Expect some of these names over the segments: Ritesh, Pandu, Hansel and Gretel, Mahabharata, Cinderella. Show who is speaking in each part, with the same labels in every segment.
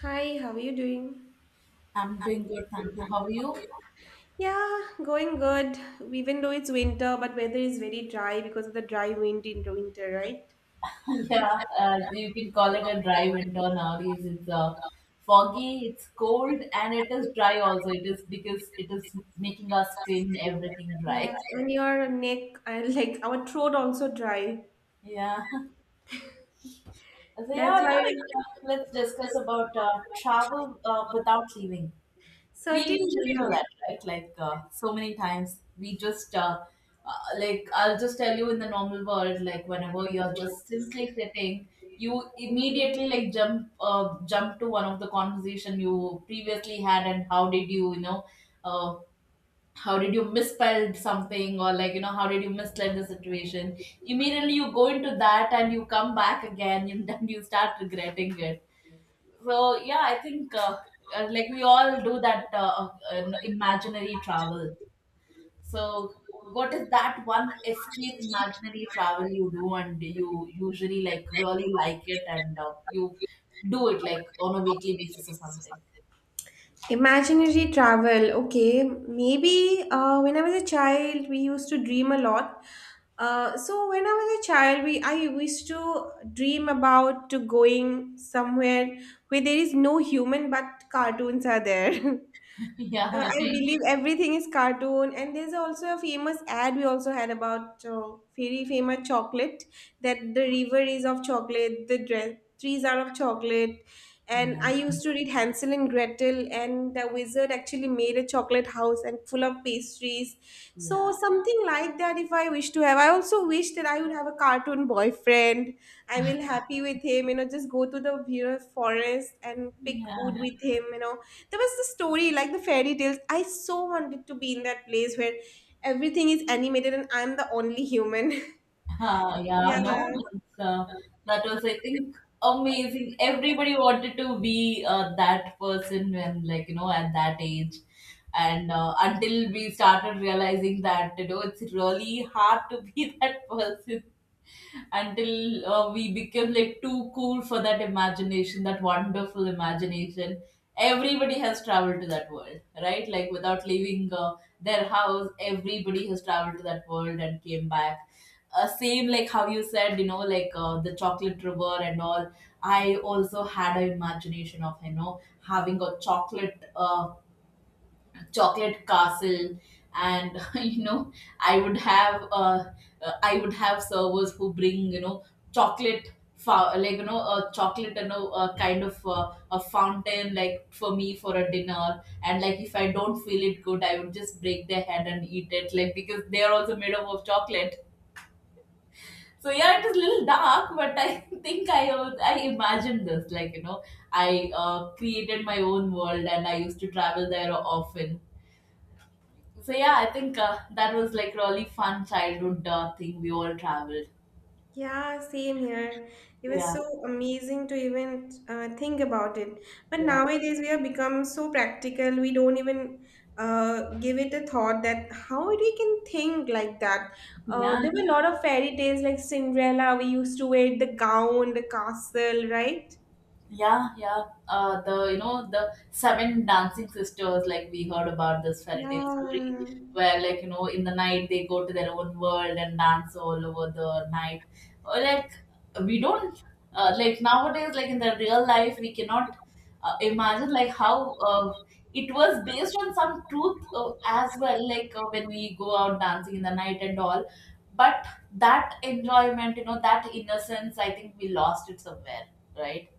Speaker 1: Hi, how are you doing?
Speaker 2: I'm doing good, thank you. How are you?
Speaker 1: Yeah, going good. Even though it's winter, but weather is very dry because of the dry wind in the winter, right?
Speaker 2: Yeah, you can call it a dry winter nowadays. It's foggy, it's cold, and it is dry also. It is because it is making our skin everything dry.
Speaker 1: Yes, and your neck and like our throat also dry.
Speaker 2: Yeah. So
Speaker 1: That's
Speaker 2: yeah, no,
Speaker 1: why
Speaker 2: like, let's discuss about travel without leaving. We
Speaker 1: certainly,
Speaker 2: usually do
Speaker 1: yeah.
Speaker 2: that, right? Like so many times we just like I'll just tell you in the normal world, like whenever you're just simply sitting you immediately like jump jump to one of the conversation you previously had, and how did you uh, misspelled something, or like you know how did you mislead the situation. Immediately you go into that and you come back again and then you start regretting it. So yeah, I think like we all do that imaginary travel. So what is that one escape imaginary travel you do and you usually like really like it, and you do it like on a weekly basis or something?
Speaker 1: Imaginary travel. Okay, maybe when I was a child, we used to dream a lot. So when I was a child, we I used to dream about to going somewhere where there is no human, but cartoons are there.
Speaker 2: Yeah,
Speaker 1: I believe everything is cartoon, and there's also a famous ad we also had about very famous chocolate that the river is of chocolate, the trees are of chocolate, and
Speaker 2: yeah,
Speaker 1: I used to read Hansel and Gretel, and the wizard actually made a chocolate house and full of pastries. So
Speaker 2: yeah,
Speaker 1: something like that, if I wish to have, I also wish that I would have a cartoon boyfriend. I will happy with him, you know, just go to the forest and pick wood
Speaker 2: yeah.
Speaker 1: with him. There was the story like the fairy tales, I so wanted to be in that place where everything is animated and I'm the only human.
Speaker 2: Ah, yeah,
Speaker 1: Yeah,
Speaker 2: no, that's, that was, I think, amazing. Everybody wanted to be that person when, like, you know, at that age. And until we started realizing that, you know, it's really hard to be that person until we become like too cool for that imagination, that wonderful imagination. Everybody has traveled to that world, right? Like without leaving their house, everybody has traveled to that world and came back. Same like how you said, you know, like the chocolate river and all. I also had an imagination of, you know, having a chocolate chocolate castle and, you know, I would have I would have servers who bring, you know, chocolate like you know a chocolate, you know, a kind of a fountain like for me for a dinner, and like if I don't feel it good I would just break their head and eat it, like, because they are also made up of chocolate. So yeah, it is a little dark, but I think I imagined this, like, you know, I created my own world and I used to travel there often. So yeah, I think that was like really fun childhood thing we all traveled.
Speaker 1: yeah, same here. It was
Speaker 2: Yeah,
Speaker 1: so amazing to even think about it, but
Speaker 2: yeah,
Speaker 1: nowadays we have become so practical, we don't even give it a thought that how we can think like that.
Speaker 2: yeah.
Speaker 1: There were a lot of fairy tales like Cinderella, we used to wear the gown, the castle, right?
Speaker 2: Yeah, yeah. The, you know, the seven dancing sisters, like we heard about this fairy tale story,
Speaker 1: Yeah.
Speaker 2: where like you know in the night they go to their own world and dance all over the night. Or like we don't like nowadays, like in the real life, we cannot imagine like how it was based on some truth as well. Like when we go out dancing in the night and all, but that enjoyment, you know, that innocence, I think we lost it somewhere, right?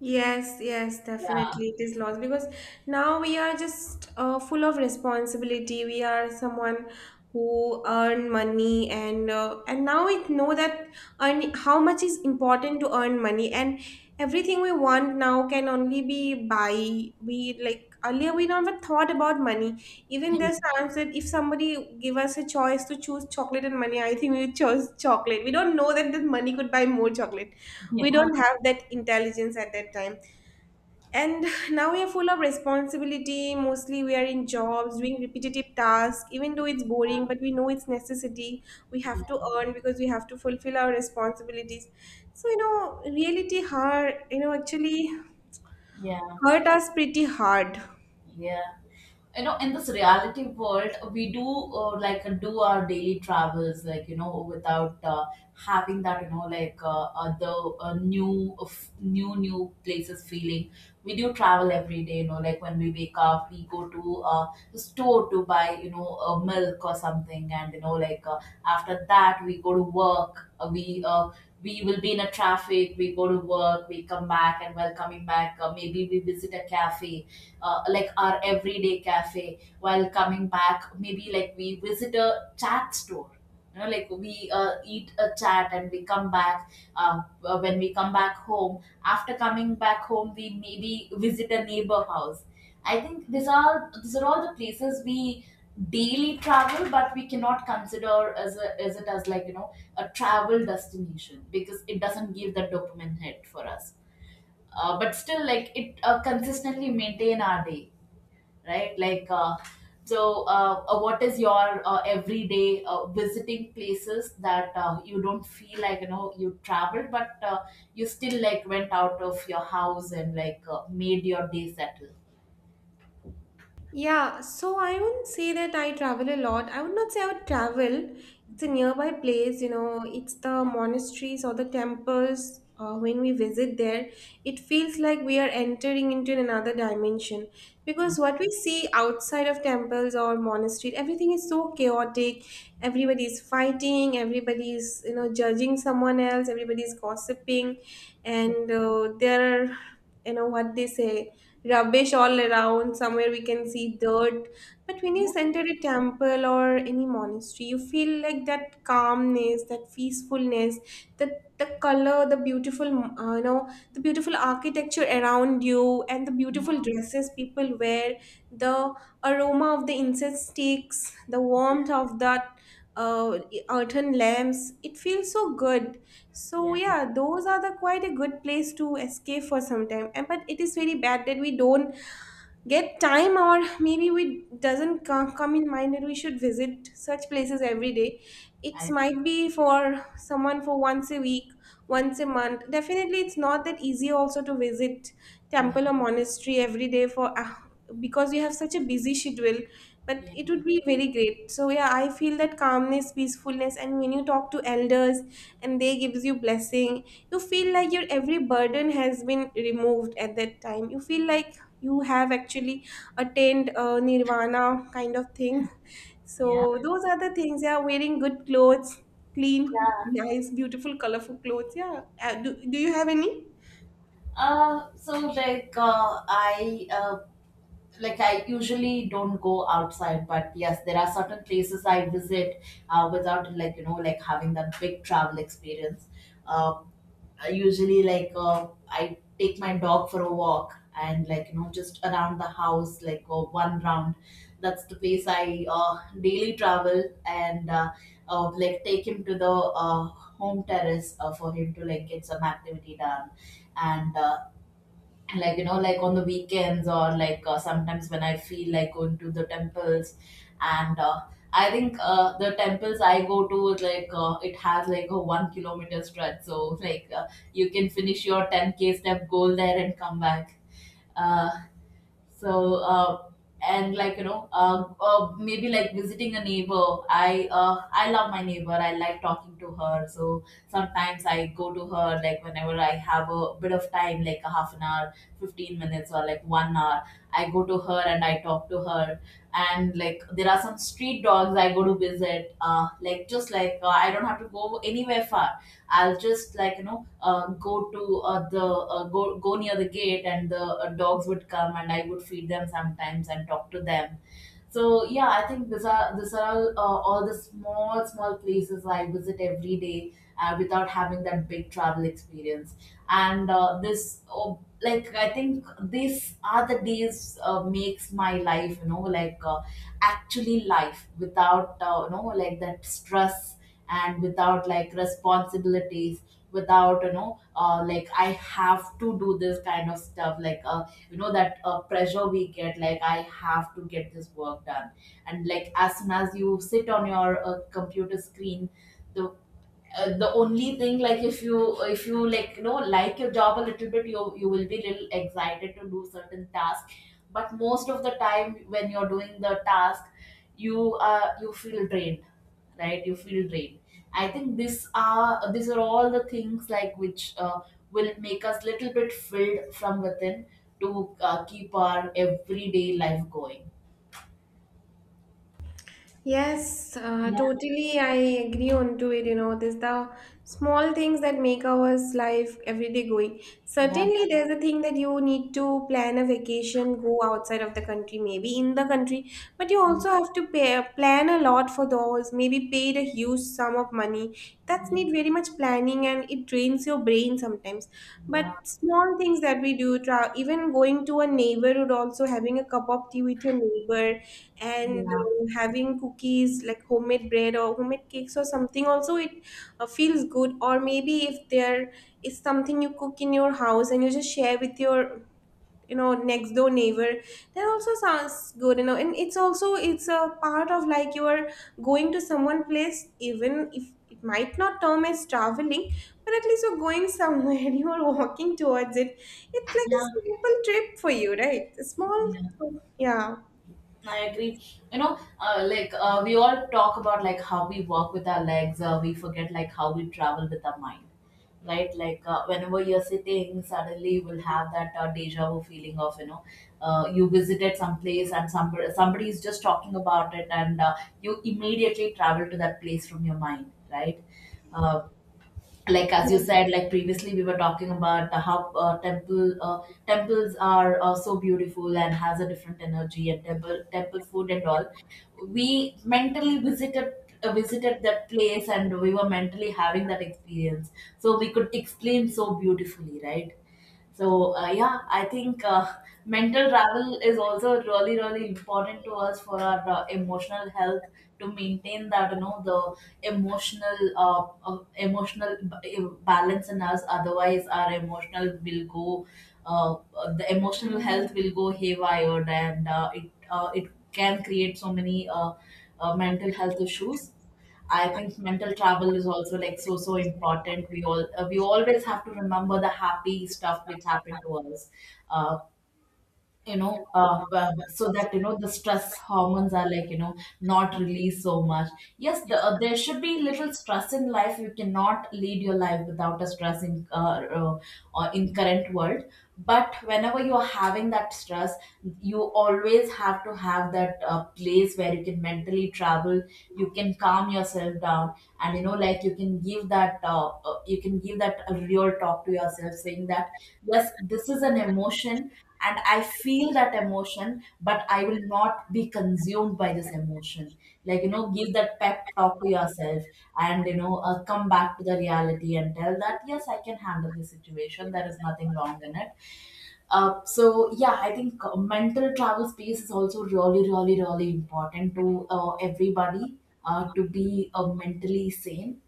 Speaker 1: Yes, yes, definitely it is lost because now we are just full of responsibility. We are someone who earn money and and now we know that earn, how much is important to earn money, and everything we want now can only be buy. We like earlier we never thought about money. Even there's times that if somebody give us a choice to choose chocolate and money, I think we chose chocolate. We don't know that the money could buy more chocolate.
Speaker 2: Yeah,
Speaker 1: We don't have that intelligence at that time, and now we are full of responsibility, mostly we are in jobs doing repetitive tasks, even though it's boring, but we know it's necessity. We
Speaker 2: yeah,
Speaker 1: have to earn because we have to fulfill our responsibilities. So you know reality hurt, you know, actually
Speaker 2: yeah,
Speaker 1: hurt us pretty hard.
Speaker 2: yeah. You know, in this reality world we do like do our daily travels, like you know, without having that you know like other new of new places feeling. We do travel every day, you know, like when we wake up we go to the store to buy, you know, milk or something, and you know like after that we go to work, we will be in a traffic, we go to work, we come back, and while coming back maybe we visit a cafe, like our everyday cafe, while coming back maybe like we visit a chat store, you know, like we eat a chat and we come back. When we come back home, after coming back home we maybe visit a neighbor house. I think these are all the places we daily travel, but we cannot consider as a, as it as, like you know, a travel destination because it doesn't give the dopamine hit for us. But still, like, it consistently maintain our day, right? Like, so what is your everyday visiting places that you don't feel like you know you traveled, but you still like went out of your house and like made your day settle?
Speaker 1: Yeah, so I wouldn't say that I travel a lot. I would not say I would travel. It's a
Speaker 2: Mhm.
Speaker 1: nearby place, you know, it's the
Speaker 2: Yeah,
Speaker 1: monasteries or the temples. When we visit there, it feels like we are entering into another dimension
Speaker 2: yeah,
Speaker 1: because what we see outside of temples or monastery, everything is so chaotic. Everybody is fighting, everybody is, you know, judging someone else, everybody is gossiping,
Speaker 2: yeah,
Speaker 1: and there are, you know, what they say rubbish all around. Somewhere we can see dirt. But when you enter a temple or any monastery, you feel like that calmness, that peacefulness, that the color, the beautiful, you know, the beautiful architecture around you, and the
Speaker 2: yeah,
Speaker 1: beautiful
Speaker 2: no,
Speaker 1: dresses people wear, the aroma of the incense sticks, the warmth of that uh, earthen lamps. It feels so good. So
Speaker 2: yeah,
Speaker 1: yeah, those are the quite a good place to escape for some time. And but it is very bad that we don't get time, or maybe we doesn't come in mind that we should visit such places every day. It
Speaker 2: I agree.
Speaker 1: might be for someone for once a week, once a month. Definitely it's not that easy also to visit
Speaker 2: Yeah,
Speaker 1: temple or monastery every day for because you have such a busy schedule, but
Speaker 2: yeah,
Speaker 1: it would be very great. So yeah, I feel that calmness, peacefulness, and when you talk to elders and they gives you blessing, you feel like your every burden has been removed. At that time you feel like you have actually attained nirvana kind of thing.
Speaker 2: yeah,
Speaker 1: So those are the things. Yeah, wearing good clothes, clean,
Speaker 2: yeah.
Speaker 1: nice, beautiful, colorful clothes. Yeah, do you have any?
Speaker 2: So like I usually don't go outside, but yes, there are certain places I visit without like you know like having that big travel experience. Um, I usually like I take my dog for a walk and, like you know, just around the house like one round. That's the place I daily travel, and like take him to the home terrace for him to like get some activity done, and like you know, like on the weekends or like sometimes when I feel like going to the temples. And I think the temples I go to is like it has like a 1 kilometer stretch, so like you can finish your 10k step goal there and come back. uh, so, uh, and like you know, maybe like visiting a neighbor. I love my neighbor. I like talking to her. So sometimes I go to her like whenever I have a bit of time, like a half an hour, 15 minutes, or like 1 hour. I go to her and I talk to her. And like there are some street dogs I go to visit. Like just like I don't have to go anywhere far. I'll just like you know go to the go go near the gate, and the dogs would come, and I would feed them sometimes and talk to them. So yeah, I think these are all the small small places I visit every day without having that big travel experience. And this oh, like I think these are the days makes my life, you know, like actually life without you know like that stress, and without like responsibilities, without you know like I have to do this kind of stuff like you know that pressure we get, like I have to get this work done. And like as soon as you sit on your computer screen, the the only thing, like if you like you know like your job a little bit, you will be little excited to do certain tasks, but most of the time when you're doing the task you feel drained, right? You feel drained. I think this are these are all the things like which will make us little bit filled from within to keep our everyday life going.
Speaker 1: Yes,
Speaker 2: Yeah.
Speaker 1: totally. I agree on to it. You know, there's the small things that make our life everyday going.
Speaker 2: Yeah,
Speaker 1: Certainly, there's a thing that you need to plan a vacation, go outside of the country, maybe in the country, but you also have to pay, plan a lot for those. Maybe paid a huge sum of money. That's
Speaker 2: yeah,
Speaker 1: need very much planning, and it drains your brain sometimes. But
Speaker 2: yeah,
Speaker 1: small things that we do, even going to a neighborhood, also having a cup of tea with your neighbor and
Speaker 2: yeah,
Speaker 1: having cookies like homemade bread or homemade cakes or something, also it feels good. Or maybe if there is something you cook in your house and you just share with your, you know, next door neighbor, that also sounds good, you know. And it's also, it's a part of like you are going to someone place, even if it might not term as traveling, but at least you're going somewhere and you are walking towards it. It's like a simple trip for you, right? A small,
Speaker 2: yeah,
Speaker 1: yeah.
Speaker 2: I agree. You know, like we all talk about like how we walk with our legs, we forget like how we travel with our mind, right? Like whenever you're sitting, suddenly you will have that deja vu feeling of, you know, you visited some place and somebody is just talking about it, and you immediately travel to that place from your mind, right? Uh, like as you said, like previously we were talking about the how temples are so beautiful and has a different energy, and temple food and all, we mentally visited visited that place and we were mentally having that experience, so we could explain so beautifully, right? So yeah, I think mental travel is also really really important to us for our emotional health, to maintain that you know the emotional emotional balance in us. Otherwise, our emotional will go, uh, the emotional health will go haywire, and it can create so many mental health issues. I think mental travel is also like so so important. We all we always have to remember the happy stuff which happened to us. Uh, so that, you know, the stress hormones are like you know not released so much. Yes, there should be little stress in life. You cannot lead your life without a stress in in current world, but whenever you are having that stress, you always have to have that place where you can mentally travel, you can calm yourself down, and, you know, like you can give that you can give that a real talk to yourself saying that, yes, this is an emotion, and I feel that emotion, but I will not be consumed by this emotion. Like, give that pep talk to yourself and, come back to the reality and tell that, yes, I can handle this situation. There is nothing wrong in it. So, yeah, I think mental travel space is also really, really, really important to everybody to be mentally sane.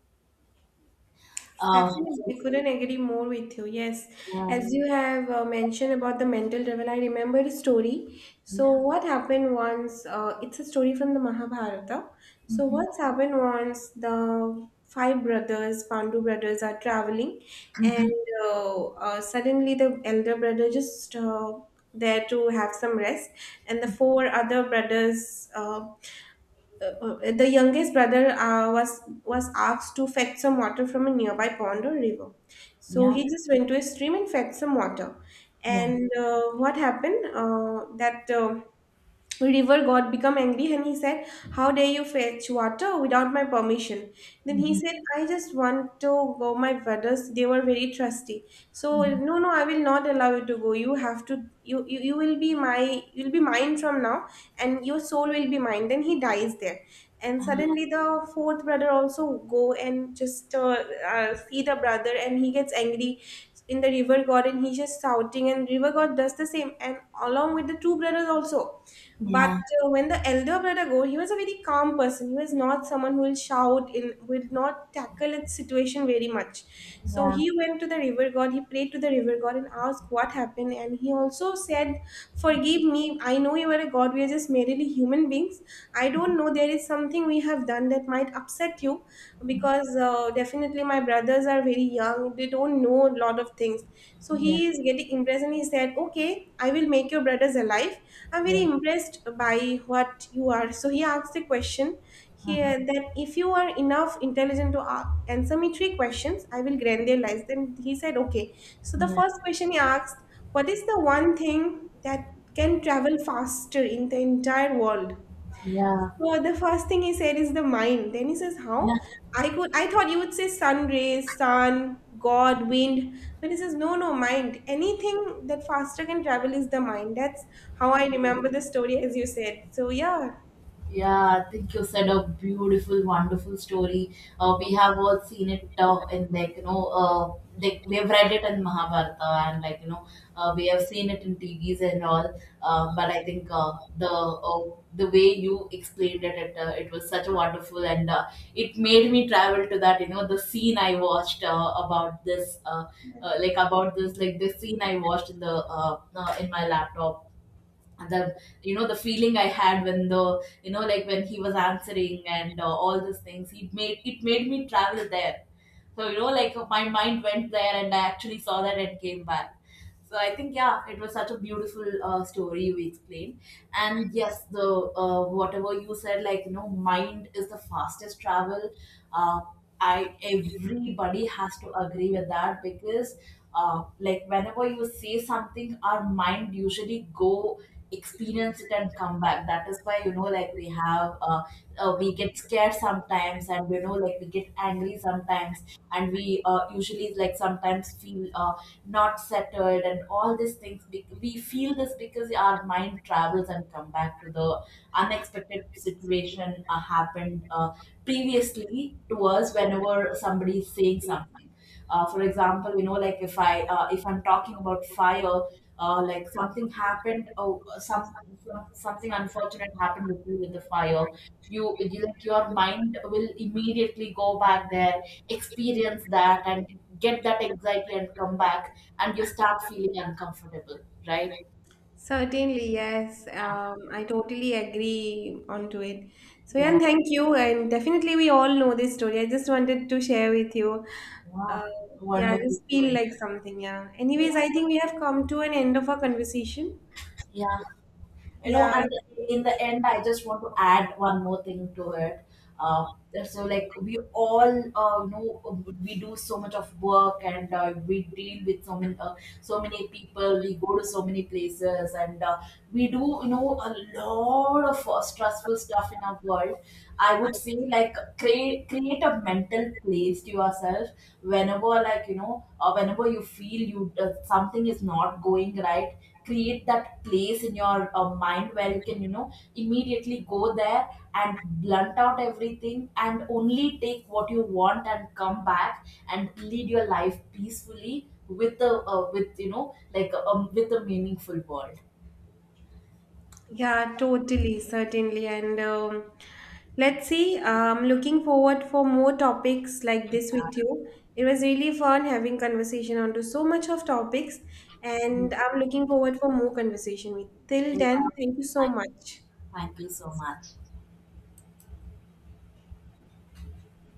Speaker 2: Uh, so,
Speaker 1: Absolutely, couldn't agree more with you. Yes,
Speaker 2: yeah,
Speaker 1: as you have mentioned about the mental level, I remember a story. So,
Speaker 2: yeah,
Speaker 1: what happened once? It's a story from the Mahabharata. So,
Speaker 2: hmm,
Speaker 1: what's happened once the five brothers, Pandu brothers, are traveling,
Speaker 2: hmm,
Speaker 1: and suddenly the elder brother just there to have some rest, and the four other brothers. The youngest brother was asked to fetch some water from a nearby pond or river. So
Speaker 2: yeah,
Speaker 1: he just went to a stream and fetched some water,
Speaker 2: yeah,
Speaker 1: and what happened that river god became angry and he said, how dare you fetch water without my permission? Then he
Speaker 2: hmm,
Speaker 1: said, I just want to go, my brothers, they were very trusty. So no, no, I will not allow you to go. You have to, you will be my, you'll be mine from now, and your soul will be mine. Then he dies there. And suddenly the fourth brother also go and just see the brother, and he gets angry in the river god, and he's just shouting, and river god does the same, and along with the two brothers also. But
Speaker 2: yeah,
Speaker 1: when the elder brother go, he was a very calm person. He was not someone who will shout in, will not tackle its situation very much. So
Speaker 2: yeah,
Speaker 1: he went to the river god. He prayed to the river god and asked what happened. And he also said, "Forgive me. I know you are a god. We are just merely human beings. I don't know there is something we have done that might upset you because definitely my brothers are very young, they don't know a lot of things." So
Speaker 2: yeah.
Speaker 1: he is getting impressed, and he said, okay, I will make your brothers alive. I'm very
Speaker 2: Yeah,
Speaker 1: impressed by what you are. So he asked the question
Speaker 2: uh-huh.
Speaker 1: here that if you are enough intelligent to answer me three questions, I will grant their lives. Then he said okay. So the
Speaker 2: Yeah,
Speaker 1: first question he asked, what is the one thing that can travel faster in the entire world?
Speaker 2: yeah,
Speaker 1: So the first thing he said is the mind. Then he says,
Speaker 2: yeah,
Speaker 1: how? I could, I thought you would say sun rays, sun, god, wind. But he says, no, no, mind. Anything that faster can travel is the mind. That's how I remember the story as you said. So yeah.
Speaker 2: yeah. I think you said a beautiful, wonderful story. We have all seen it in like like we have read it in Mahabharata, and like we have seen it in TVs and all. But I think the way you explained it was such a wonderful, and it made me travel to that. The scene I watched about this, like the scene I watched in my laptop, and the you know the feeling I had when the you know like when he was answering and all these things, it made me travel there. So like my mind went there, and I actually saw that and came back. So I think, yeah, it was such a beautiful story you explained. And yes, the whatever you said, like, mind is the fastest travel. uh, I Everybody has to agree with that, because like whenever you say something, our mind usually go experience it and come back. That is why like we get scared sometimes, and like we get angry sometimes, and we usually, like, sometimes feel not settled and all these things, we feel this because our mind travels and come back to the unexpected situation happened previously to us. Whenever somebody is saying something, for example, like, if I'm talking about fire, like something happened. Oh, some, something unfortunate happened with me with the fire. You, like, your mind will immediately go back there, experience that and get that anxiety and come back, and you start feeling uncomfortable, right?
Speaker 1: Certainly, yes.
Speaker 2: Yeah,
Speaker 1: I totally agree onto it. So yeah,
Speaker 2: yeah.
Speaker 1: and thank you. And definitely we all know this story. I just wanted to share with you.
Speaker 2: Wow.
Speaker 1: Uh, yeah, I
Speaker 2: Wonderful
Speaker 1: just feel
Speaker 2: story.
Speaker 1: like something, yeah. Anyways,
Speaker 2: Yeah,
Speaker 1: I think we have come to an end of our conversation.
Speaker 2: yeah.
Speaker 1: Yeah,
Speaker 2: And in the end, I just want to add one more thing to it. uh, so, like, we all, we do so much of work, and we deal with so many people, we go to so many places, and we do, a lot of stressful stuff in our world. I would say, like, create a mental place to yourself. Whenever, like, whenever you feel you something is not going right, create that place in your mind where you can immediately go there and blunt out everything and only take what you want and come back, and lead your life peacefully with a with you know like with a meaningful world.
Speaker 1: yeah, totally, certainly. And let's see, I'm looking forward for more topics like this with you. It was really fun having conversation onto so much of topics,
Speaker 2: Yeah.
Speaker 1: and I'm looking forward for more conversation with. Till
Speaker 2: thank,
Speaker 1: then, thank you so much.
Speaker 2: Thank you so much.